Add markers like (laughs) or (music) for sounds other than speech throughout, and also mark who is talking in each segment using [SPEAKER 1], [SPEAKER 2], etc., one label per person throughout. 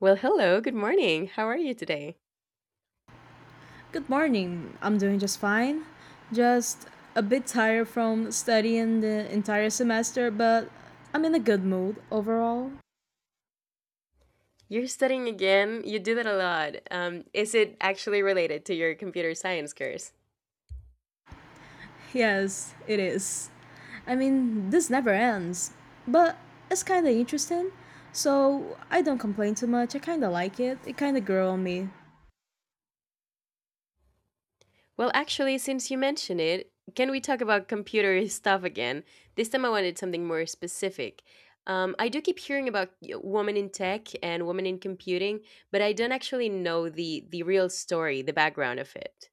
[SPEAKER 1] Well, hello, good morning. How are you today?
[SPEAKER 2] Good morning. I'm doing just fine. Just a bit tired from studying the entire semester, but I'm in a good mood overall.
[SPEAKER 1] You're studying again. You do that a lot. Is it actually related to your computer science course?
[SPEAKER 2] Yes, it is. I mean, this never ends, but it's kind of interesting. So I don't complain too much. I kind of like it. It kind of grew on me.
[SPEAKER 1] Well, actually, since you mention it, can we talk about computer (laughs) stuff again? This time I wanted something more specific. I do keep hearing about women in tech and women in computing, but I don't actually know the real story, the background of it.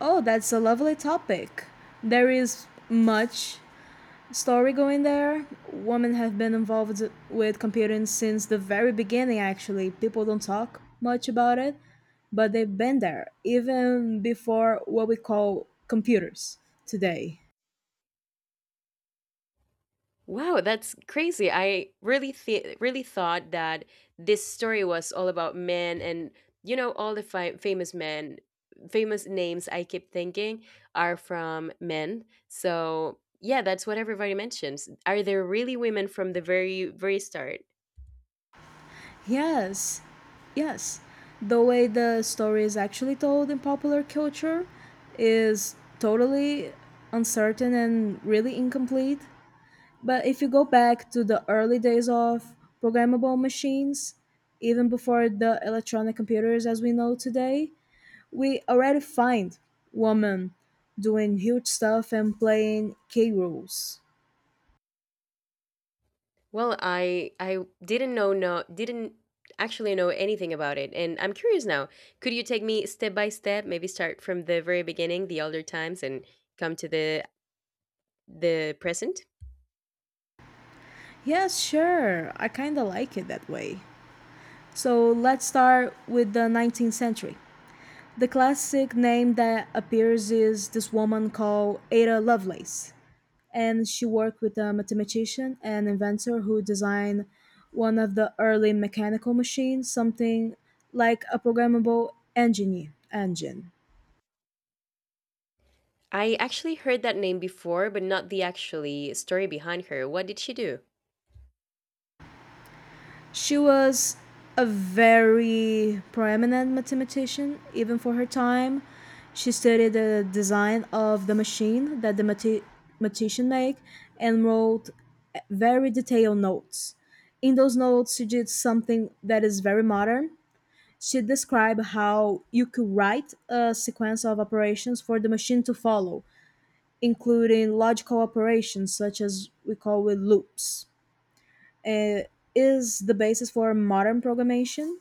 [SPEAKER 2] Oh, that's a lovely topic. There is much story going there. Women have been involved with computing since the very beginning, actually. People don't talk much about it, but they've been there, even before what we call computers today.
[SPEAKER 1] Wow, that's crazy. I really thought that this story was all about men and you know all the famous men, famous names I keep thinking are from men. So, yeah, that's what everybody mentions. Are there really women from the very start?
[SPEAKER 2] Yes, yes. The way the story is actually told in popular culture is totally uncertain and really incomplete. But if you go back to the early days of programmable machines, even before the electronic computers as we know today, we already find women doing huge stuff and playing key roles.
[SPEAKER 1] Well, I didn't actually know anything about it, and I'm curious now. Could you take me step by step, maybe start from the very beginning, the older times, and come to the present?
[SPEAKER 2] Yes, sure, I kinda like it that way. So let's start with the 19th century. The classic name that appears is this woman called Ada Lovelace. And she worked with a mathematician and inventor who designed one of the early mechanical machines, something like a programmable engine.
[SPEAKER 1] I actually heard that name before, but not the actually story behind her. What did she do?
[SPEAKER 2] She was a very prominent mathematician, even for her time. She studied the design of the machine that the mathematician made and wrote very detailed notes. In those notes, she did something that is very modern. She described how you could write a sequence of operations for the machine to follow, including logical operations such as we call with loops. It is the basis for modern programmation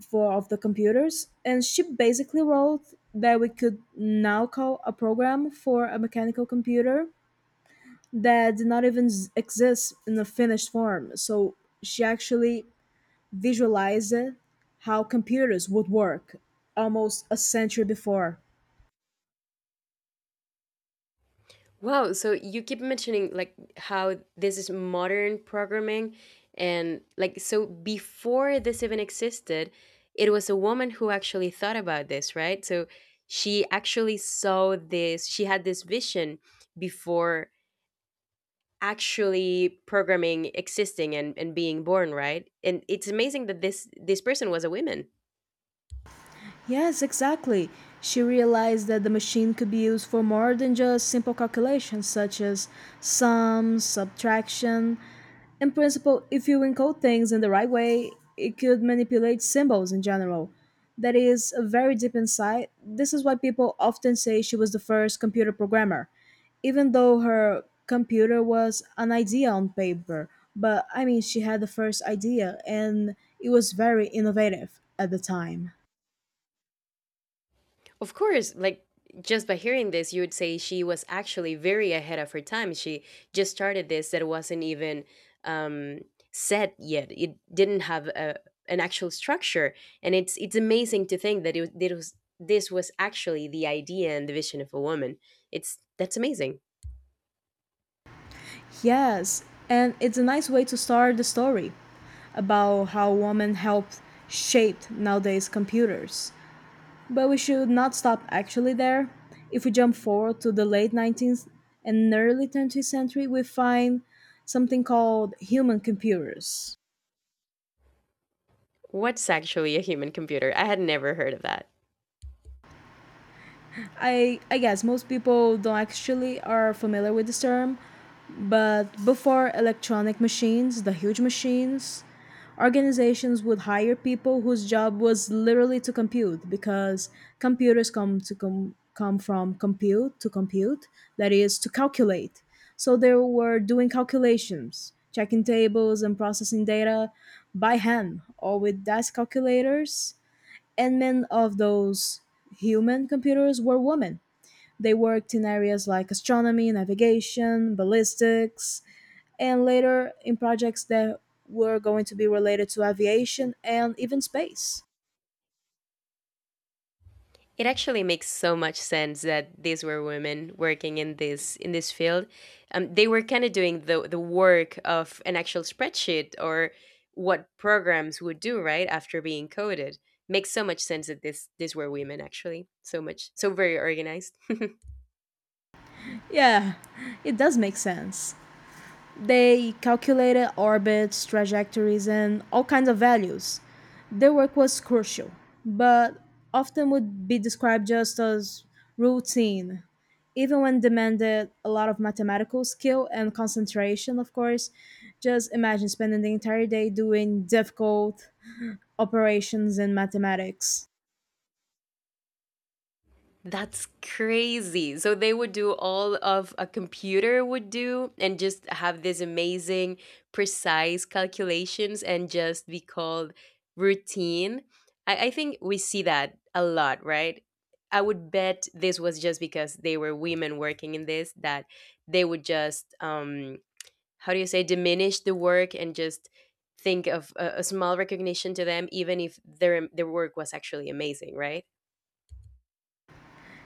[SPEAKER 2] for of the computers, and she basically wrote that we could now call a program for a mechanical computer that did not even exist in a finished form. So she actually visualized how computers would work almost a century before.
[SPEAKER 1] Wow, so you keep mentioning like how this is modern programming, and like so before this even existed, it was a woman who actually thought about this, right? So she actually saw this, she had this vision before actually programming existing and being born, right? And it's amazing that this person was a woman.
[SPEAKER 2] Yes, exactly. She realized that the machine could be used for more than just simple calculations such as sums, subtraction. In principle, if you encode things in the right way, it could manipulate symbols in general. That is a very deep insight. This is why people often say she was the first computer programmer, even though her computer was an idea on paper. But I mean, she had the first idea and it was very innovative at the time.
[SPEAKER 1] Of course, like just by hearing this, you would say she was actually very ahead of her time. She just started this that wasn't even um, set yet. It didn't have an actual structure, and it's amazing to think that it was this was actually the idea and the vision of a woman. It's That's amazing.
[SPEAKER 2] Yes, and it's a nice way to start the story about how women helped shape nowadays computers. But we should not stop actually there. If we jump forward to the late 19th and early 20th century, we find something called human computers.
[SPEAKER 1] What's actually a human computer? I had never heard of that.
[SPEAKER 2] I guess most people don't actually are familiar with this term, but before electronic machines, the huge machines, organizations would hire people whose job was literally to compute, because computers come to come from compute to compute, that is to calculate. So they were doing calculations, checking tables, and processing data by hand or with desk calculators, and many of those human computers were women. They worked in areas like astronomy, navigation, ballistics, and later in projects that were going to be related to aviation and even space.
[SPEAKER 1] It actually makes so much sense that these were women working in this field. They were kind of doing the work of an actual spreadsheet or what programs would do right after being coded. Makes so much sense that this these were women actually. So much so very organized.
[SPEAKER 2] Yeah, it does make sense. They calculated orbits, trajectories, and all kinds of values. Their work was crucial, but often would be described just as routine, even when demanded a lot of mathematical skill and concentration, of course. Just imagine spending the entire day doing difficult operations in mathematics.
[SPEAKER 1] That's crazy. So they would do all of a computer would do and just have these amazing precise calculations and just be called routine. I think we see that a lot, right? I would bet this was just because they were women working in this that they would just how do you say diminish the work and just think of a small recognition to them even if their work was actually amazing, right?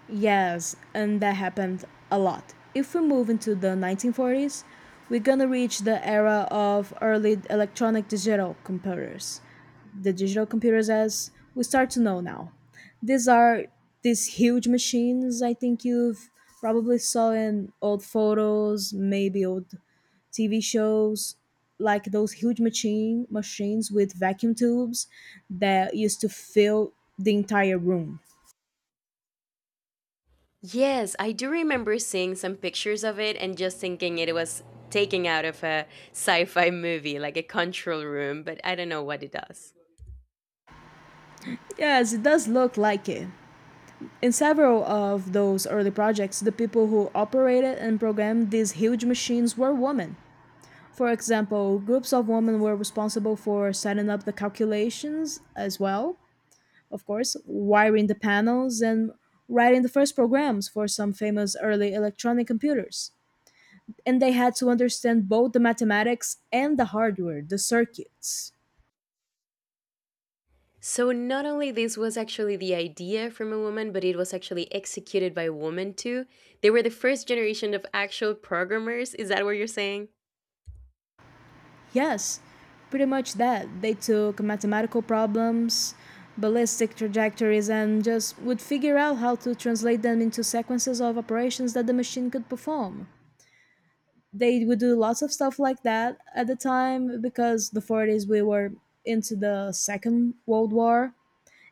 [SPEAKER 2] Yes, and that happened a lot. If we move into the 1940s, we're gonna reach the era of early electronic digital computers. The digital computers, as we start to know now, these are these huge machines. I think you've probably saw in old photos, maybe old TV shows, like those huge machines with vacuum tubes that used to fill the entire room.
[SPEAKER 1] Yes, I do remember seeing some pictures of it and just thinking it was taken out of a sci fi movie, like a control room, but I don't know what it does.
[SPEAKER 2] Yes, it does look like it. In several of those early projects, the people who operated and programmed these huge machines were women. For example, groups of women were responsible for setting up the calculations as well, of course, wiring the panels, and writing the first programs for some famous early electronic computers. And they had to understand both the mathematics and the hardware, the circuits.
[SPEAKER 1] So, not only this was actually the idea from a woman, but it was actually executed by a woman too. They were the first generation of actual programmers. Is that what you're saying?
[SPEAKER 2] Yes, pretty much that. They took mathematical problems, ballistic trajectories, and just would figure out how to translate them into sequences of operations that the machine could perform. They would do lots of stuff like that at the time because the 40s we were into the Second World War.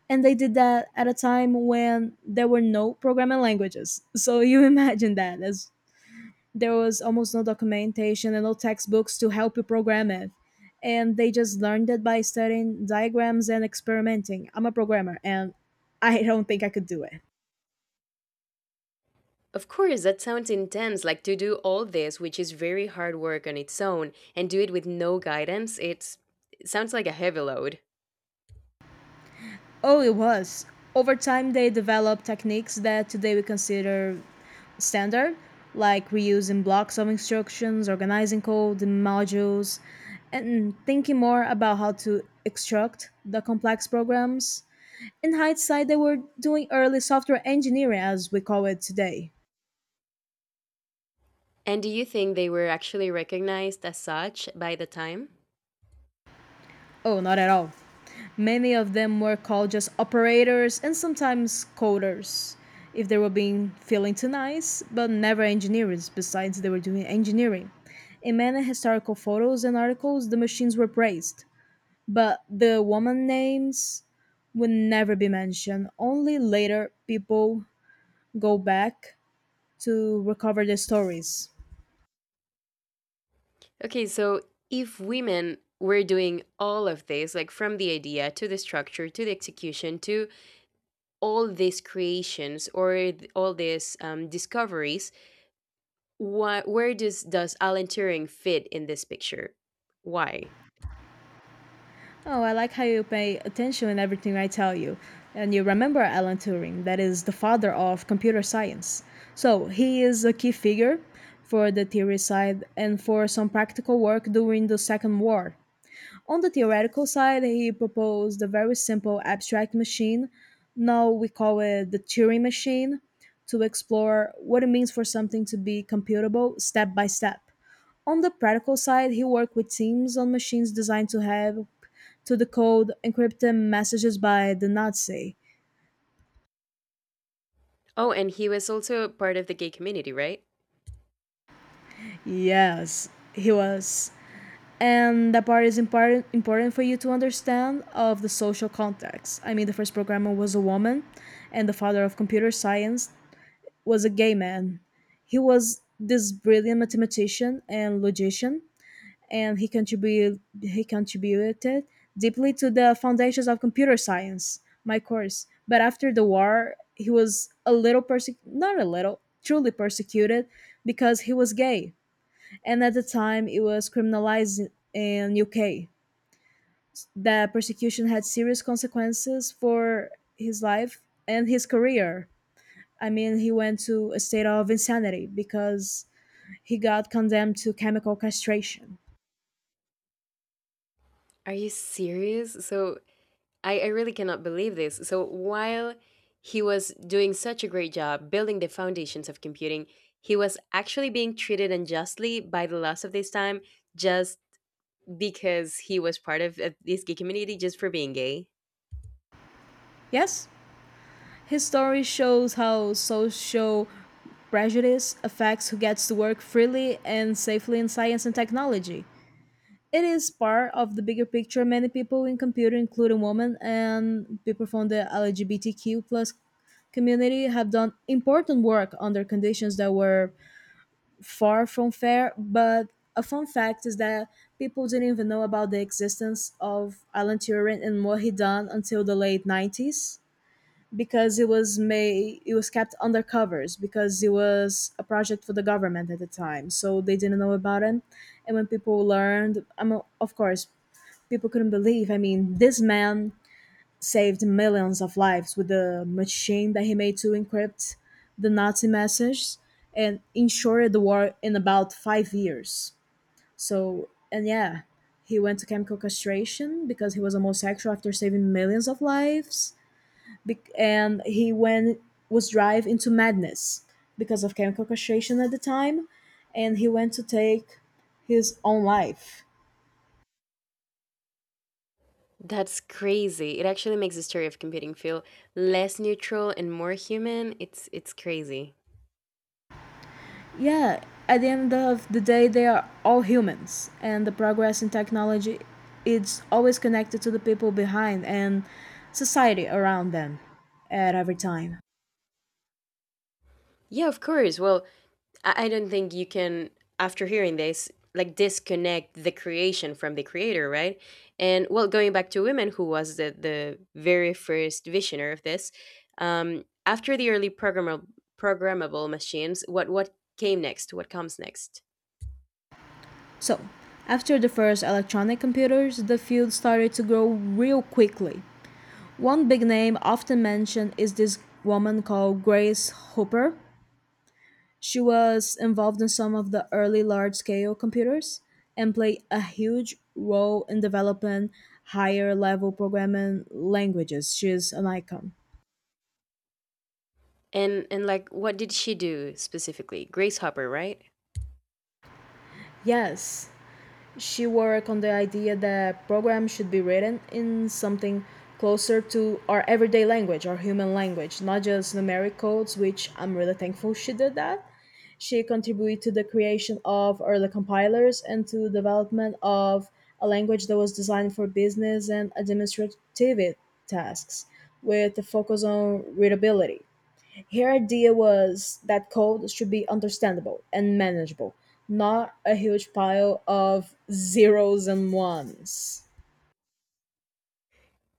[SPEAKER 2] And they did that at a time when there were no programming languages. (laughs) So you imagine that, as there was almost no documentation and no textbooks to help you program it. And they just learned it by studying diagrams and experimenting. I'm a programmer and I don't think I could do it.
[SPEAKER 1] Of course, that sounds intense. Like to do all this, which is very hard work on its own, and do it with no guidance, it sounds like a heavy load.
[SPEAKER 2] Oh, it was. Over time, they developed techniques that today we consider standard, like reusing blocks of instructions, organizing code in modules, and thinking more about how to extract the complex programs. In hindsight, they were doing early software engineering as we call it today.
[SPEAKER 1] And do you think they were actually recognized as such by the time?
[SPEAKER 2] Oh, not at all. Many of them were called just operators and sometimes coders if they were being feeling too nice, but never engineers, besides they were doing engineering. In many historical photos and articles, the machines were praised, but the woman names would never be mentioned. Only later people go back to recover their stories.
[SPEAKER 1] Okay, so if women were doing all of this, like from the idea to the structure to the execution to all these creations or all these discoveries, where does Alan Turing fit in this picture? Why?
[SPEAKER 2] Oh, I like how you pay attention in everything I tell you. And you remember Alan Turing, that is the father of computer science. So he is a key figure for the theory side and for some practical work during the Second War. On the theoretical side, he proposed a very simple abstract machine. Now we call it the Turing machine, to explore what it means for something to be computable step by step. On the practical side, he worked with teams on machines designed to help to decode encrypted messages by the Nazi.
[SPEAKER 1] Oh, and he was also part of the gay community, right?
[SPEAKER 2] Yes, he was. And that part is important for you to understand of the social context. I mean, the first programmer was a woman, and the father of computer science was a gay man. He was this brilliant mathematician and logician, and he contributed deeply to the foundations of computer science, my course. But after the war, he was a little perse not a little, truly persecuted because he was gay. And at the time, it was criminalized in UK. The persecution had serious consequences for his life and his career. I mean, he went to a state of insanity because he got condemned to chemical castration.
[SPEAKER 1] Are you serious? So I really cannot believe this. So while he was doing such a great job building the foundations of computing, he was actually being treated unjustly by the laws of this time just because he was part of this gay community just for being gay.
[SPEAKER 2] Yes? His story shows how social prejudice affects who gets to work freely and safely in science and technology. It is part of the bigger picture. Many people in computer, including women and people from the LGBTQ plus community, have done important work under conditions that were far from fair. But a fun fact is that people didn't even know about the existence of Alan Turing and what he done until the late 90s, because it was made, it was kept under covers, because it was a project for the government at the time, so they didn't know about it. And when people learned, I mean, of course people couldn't believe. I mean, this man saved millions of lives with the machine that he made to encrypt the nazi message and ensured the war in about 5 years. So and yeah, he went to chemical castration because he was homosexual after saving millions of lives, and he went, was drive into madness because of chemical castration at the time, and he went to take his own life.
[SPEAKER 1] That's crazy. It actually makes the story of computing feel less neutral and more human. It's crazy.
[SPEAKER 2] Yeah, at the end of the day, they are all humans, and the progress in technology, it's always connected to the people behind and society around them at every time.
[SPEAKER 1] Yeah, of course. Well, I don't think you can, after hearing this, like disconnect the creation from the creator, right? And well, going back to women, who was the very first visioner of this, after the early programmable machines, what came next? What comes next?
[SPEAKER 2] So, after the first electronic computers, the field started to grow real quickly. One big name often mentioned is this woman called Grace Hopper. She was involved in some of the early large scale computers and played a huge role in developing higher level programming languages. She is an icon.
[SPEAKER 1] And like, what did she do specifically? Grace Hopper, right?
[SPEAKER 2] Yes. She worked on the idea that programs should be written in something closer to our everyday language, our human language, not just numeric codes, which I'm really thankful she did that. She contributed to the creation of early compilers and to development of a language that was designed for business and administrative tasks with a focus on readability. Her idea was that code should be understandable and manageable, not a huge pile of zeros and ones.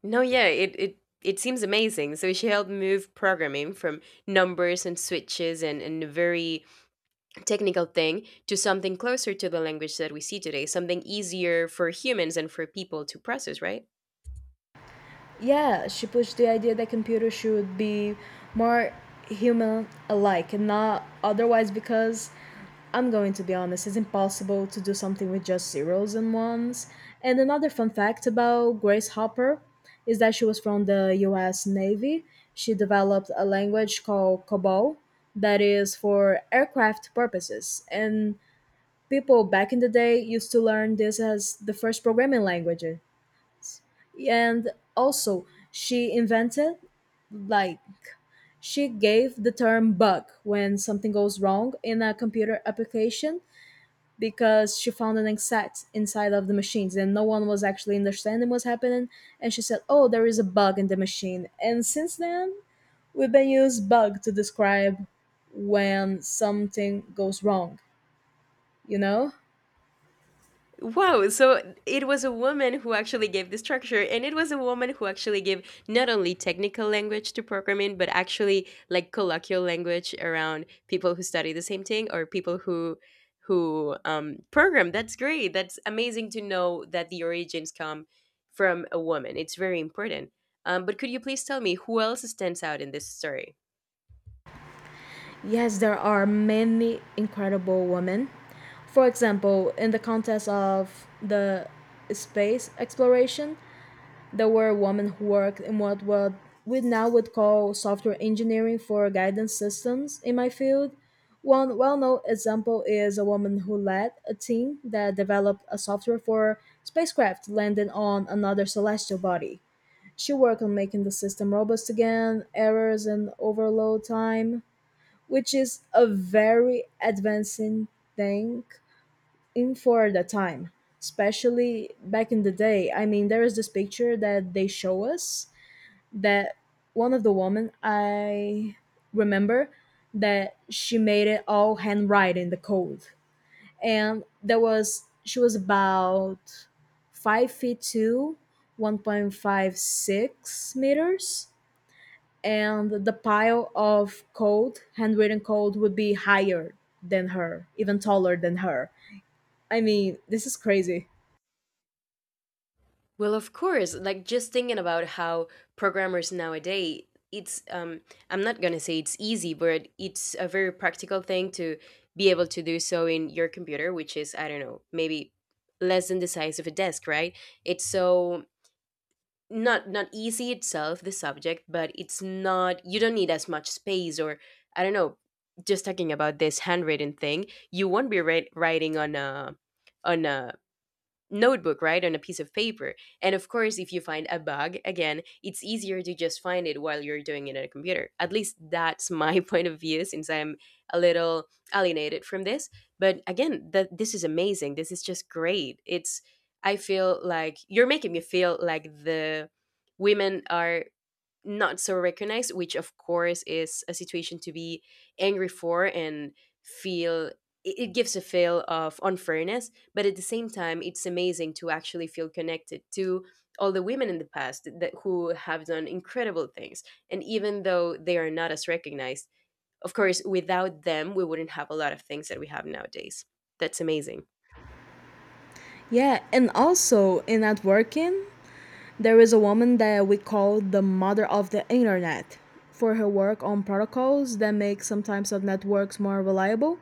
[SPEAKER 1] No, yeah, it seems amazing. So she helped move programming from numbers and switches and a very technical thing to something closer to the language that we see today, something easier for humans and for people to process, right?
[SPEAKER 2] Yeah, she pushed the idea that computers should be more human alike and not otherwise, because I'm going to be honest, it's impossible to do something with just zeros and ones. And another fun fact about Grace Hopper is that she was from the US Navy. She developed a language called COBOL that is for aircraft purposes. And people back in the day used to learn this as the first programming language. And also, she invented, like, she gave the term bug when something goes wrong in a computer application because she found an exact inside of the machines and no one was actually understanding what's happening, and she said, oh, there is a bug in the machine, and since then we've been used bug to describe when something goes wrong you know
[SPEAKER 1] Wow, so it was a woman who actually gave the structure, and it was a woman who actually gave not only technical language to programming, but actually like colloquial language around people who study the same thing or people who program. That's great. That's amazing to know that the origins come from a woman. It's very important. But could you please tell me who else stands out in this story?
[SPEAKER 2] yes, there are many incredible women. For example, in the context of the space exploration, there were women who worked in what we now would call software engineering for guidance systems in my field. One well-known example is a woman who led a team that developed a software for spacecraft landing on another celestial body. She worked on making the system robust again, errors and overload time, which is a very advancing thing in for the time, especially back in the day. I mean, there is this picture that they show us that one of the women, I remember, that she made it all handwriting the code. And there was, she was about 5 feet two, 1.56 meters, and the pile of code, handwritten code would be higher than her, even taller than her. I mean, this is crazy.
[SPEAKER 1] Well, of course, like just thinking about how programmers nowadays, it's I'm not going to say it's easy, but it's a very practical thing to be able to do so in your computer, which is I don't know, maybe less than the size of a desk, right? It's so not easy itself the subject, but it's not you don't need as much space or I don't know, just talking about this handwritten thing, you won't be writing on a notebook, right, on a piece of paper. And of course, if you find a bug, again, it's easier to just find it while you're doing it on a computer. At least that's my (laughs) point of view since I'm a little alienated from this. But again, that this is amazing. This is just great. It's I feel like you're making me feel like the women are not so recognized, which of course is a situation to be angry for and feel it gives a feel of unfairness, but at the same time, it's amazing to actually feel connected to all the women in the past that who have done incredible things. And even though they are not as recognized, of course, without them, we wouldn't have a lot of things that we have nowadays. That's amazing.
[SPEAKER 2] Yeah, and also in networking, there is a woman that we call the mother of the internet for her work on protocols that make some types of networks more reliable.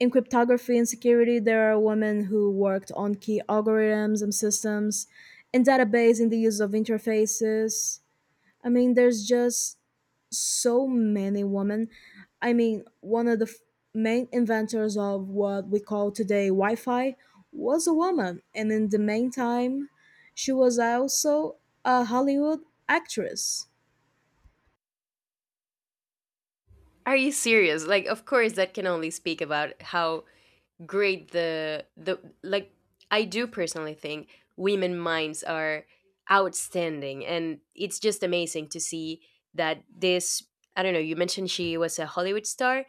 [SPEAKER 2] In cryptography and security, there are women who worked on key algorithms and systems, in database in the use of interfaces. I mean, there's just so many women. I mean, one of the main inventors of what we call today Wi Fi was a woman, and in the meantime, she was also a Hollywood actress.
[SPEAKER 1] Are you serious? Like, of course, that can only speak about how grade the like I do personally think women minds are outstanding, and it's just amazing to see that this I don't know you mentioned she was a Hollywood star,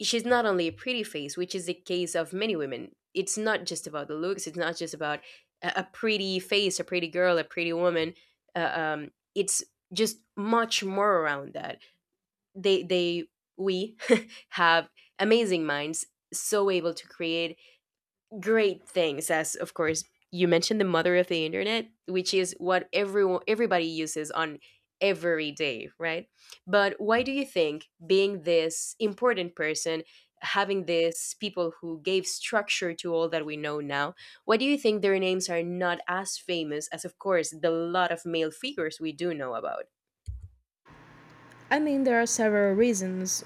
[SPEAKER 1] she's not only a pretty face, which is the case of many women, it's not just about the looks, it's not just about a pretty face, a pretty girl, a pretty woman, it's just much more around that they we (laughs) have amazing minds so able to create great things, as of course you mentioned the mother of the internet, which is what everyone everybody uses on every day, right? But why do you think being this important person, having this people who gave structure to all that we know now, why do you think their names are not as famous as of course the lot of male figures we do know about?
[SPEAKER 2] I mean, there are several reasons.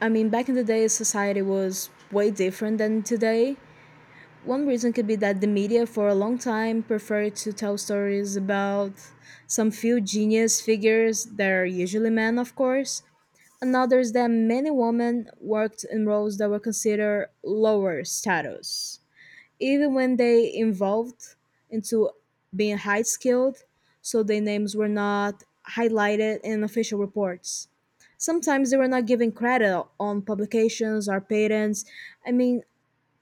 [SPEAKER 2] I mean, back in the day, society was way different than today. One reason could be that the media, for a long time, preferred to tell stories about some few genius figures that are usually men, of course. Another is that many women worked in roles that were considered lower status, even when they involved into being high skilled, so their names were not highlighted in official reports. Sometimes they were not given credit on publications or patents. I mean,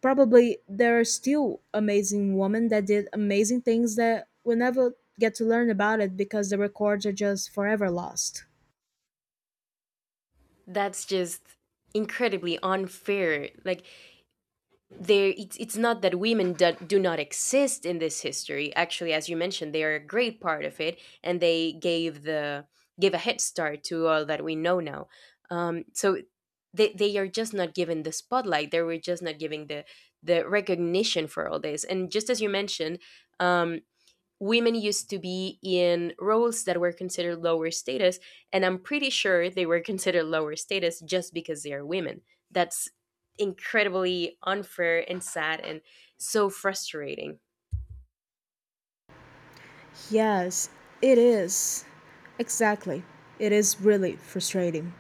[SPEAKER 2] probably there are still amazing women that did amazing things that we never get to learn about it because the records are just forever lost.
[SPEAKER 1] That's just incredibly unfair, like there it's not that women do not exist in this history, actually as you mentioned they are a great part of it, and they gave the gave a head start to all that we know now. So they are just not given the spotlight, they were just not giving the recognition for all this, and just as you mentioned, um, women used to be in roles that were considered lower status, and I'm pretty sure they were (laughs) considered lower status just because they are women. That's incredibly unfair and sad and so frustrating.
[SPEAKER 2] Yes, it is. Exactly. It is really frustrating.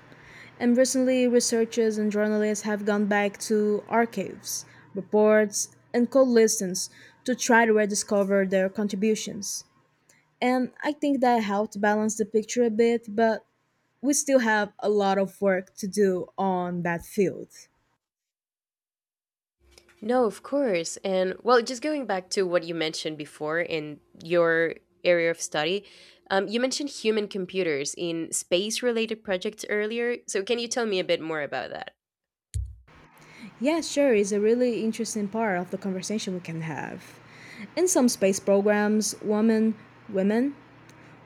[SPEAKER 2] And recently, researchers and journalists have gone back to archives, reports, and cold listens to try to rediscover their contributions. And I think that helped balance the picture a bit, but we still have a lot of work to do on that field.
[SPEAKER 1] No, of course, and well just going back to what you mentioned before in your area of study, you mentioned human computers in space related projects earlier, so can you tell me a bit more about that?
[SPEAKER 2] Yeah, sure, it's a really interesting part of the conversation we can have. In some space programs, women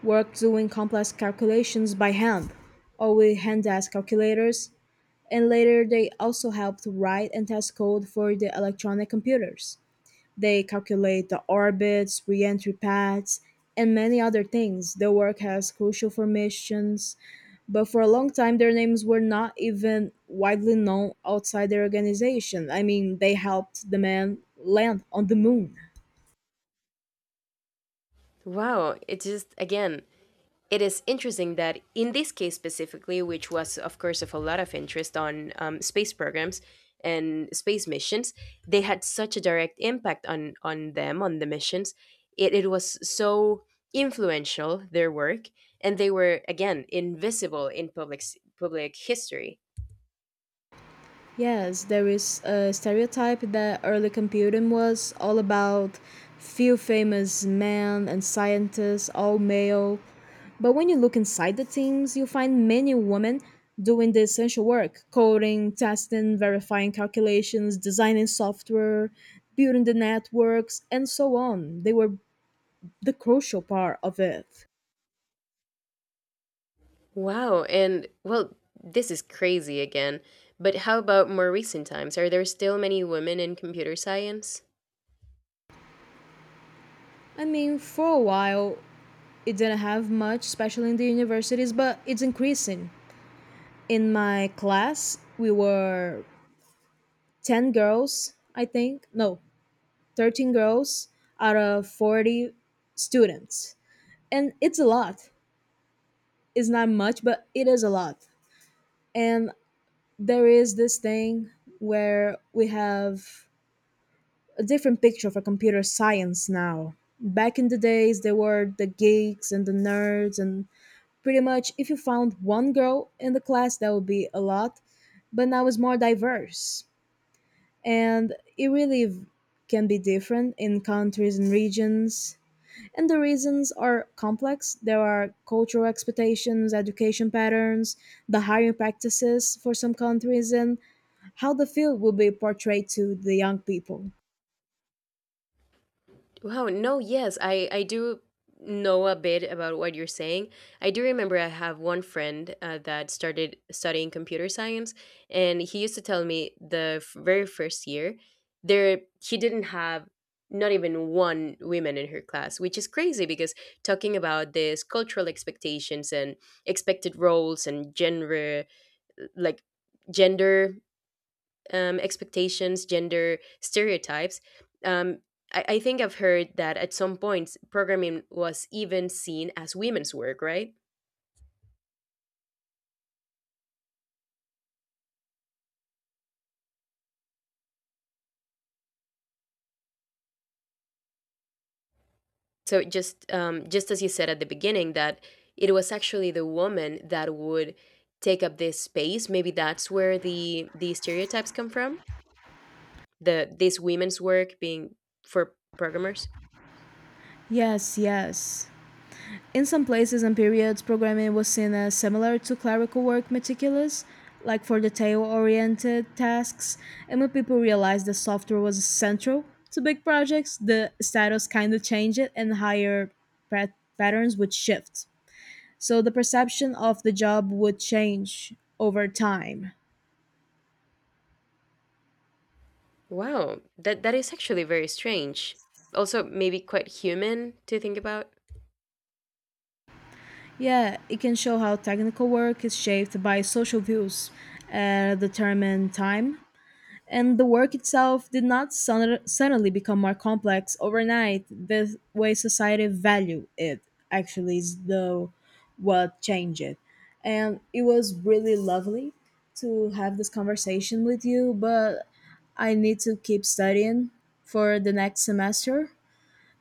[SPEAKER 2] worked doing complex calculations by hand, or with hand desk calculators, and later they also helped write and test code for the electronic computers. They calculate the orbits, re entry paths, and many other things. Their work has crucial for missions, but for a long time their names were not even widely known outside their organization. I mean, they helped the man land on the moon.
[SPEAKER 1] Wow, it just again, it is interesting that in this case specifically, which was of course of a lot of interest on space programs and space missions, they had such a direct impact on the missions. It was so influential their work, and they were again invisible in public history.
[SPEAKER 2] Yes, there is a stereotype that early computing was all about few famous men and scientists, all male. But when you look inside the teams, you find many women doing the essential work coding, testing, verifying calculations, designing software, building the networks, and so on. They were the crucial part of it.
[SPEAKER 1] Wow, and well, this is crazy again. But how about more recent times? Are there still many women in computer science?
[SPEAKER 2] I mean, for a while, it didn't have much, especially in the universities, but it's increasing. In my class, we were 10 girls, I think. No, 13 girls out of 40 students. And it's a lot. It's not much, but it is a lot. And there is this thing where we have a different picture for computer science now. Back in the days, there were the geeks and the nerds, and pretty much if you found one girl in the class, that would be a lot. But now it's more diverse and it really can be different in countries and regions. And the reasons are complex. There are cultural expectations, education patterns, the hiring practices for some countries, and how the field will be portrayed to the young people.
[SPEAKER 1] Wow, no, yes, I do know a bit about what you're saying. I do remember I have one friend that started studying computer science, and he used to tell me very first year there he didn't have not even one woman in her class, which is crazy because talking about this cultural expectations and expected roles and gender like gender expectations, gender stereotypes. Um, I think I've heard that at some point programming was even seen as women's work, right? So just as you said at the beginning, that it was actually the woman that would take up this space. Maybe that's where the stereotypes come from. The This women's work being for programmers.
[SPEAKER 2] Yes, yes. In some places and periods, programming was seen as similar to clerical work meticulous, like for detail oriented tasks, and when people realized that software was central to big projects, the status kind of changed it and higher patterns would shift. So the perception of the job would change over time.
[SPEAKER 1] Wow, that that is actually very strange. Also, maybe quite human to think about.
[SPEAKER 2] Yeah, it can show how technical work is shaped by social views at a determined time, and the work itself did not suddenly become more complex overnight. The way society value it actually is the what changed it. And it was really lovely to have this conversation with you, but I need to keep studying for the next semester.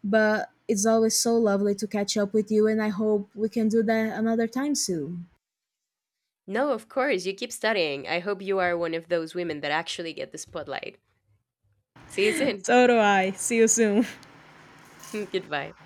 [SPEAKER 2] But it's always so lovely to catch up with you, and I hope we can do that another time soon.
[SPEAKER 1] No, of course. You keep studying. I hope you are one of those women that actually get the spotlight. See you soon.
[SPEAKER 2] So do I. See you soon.
[SPEAKER 1] (laughs) Goodbye.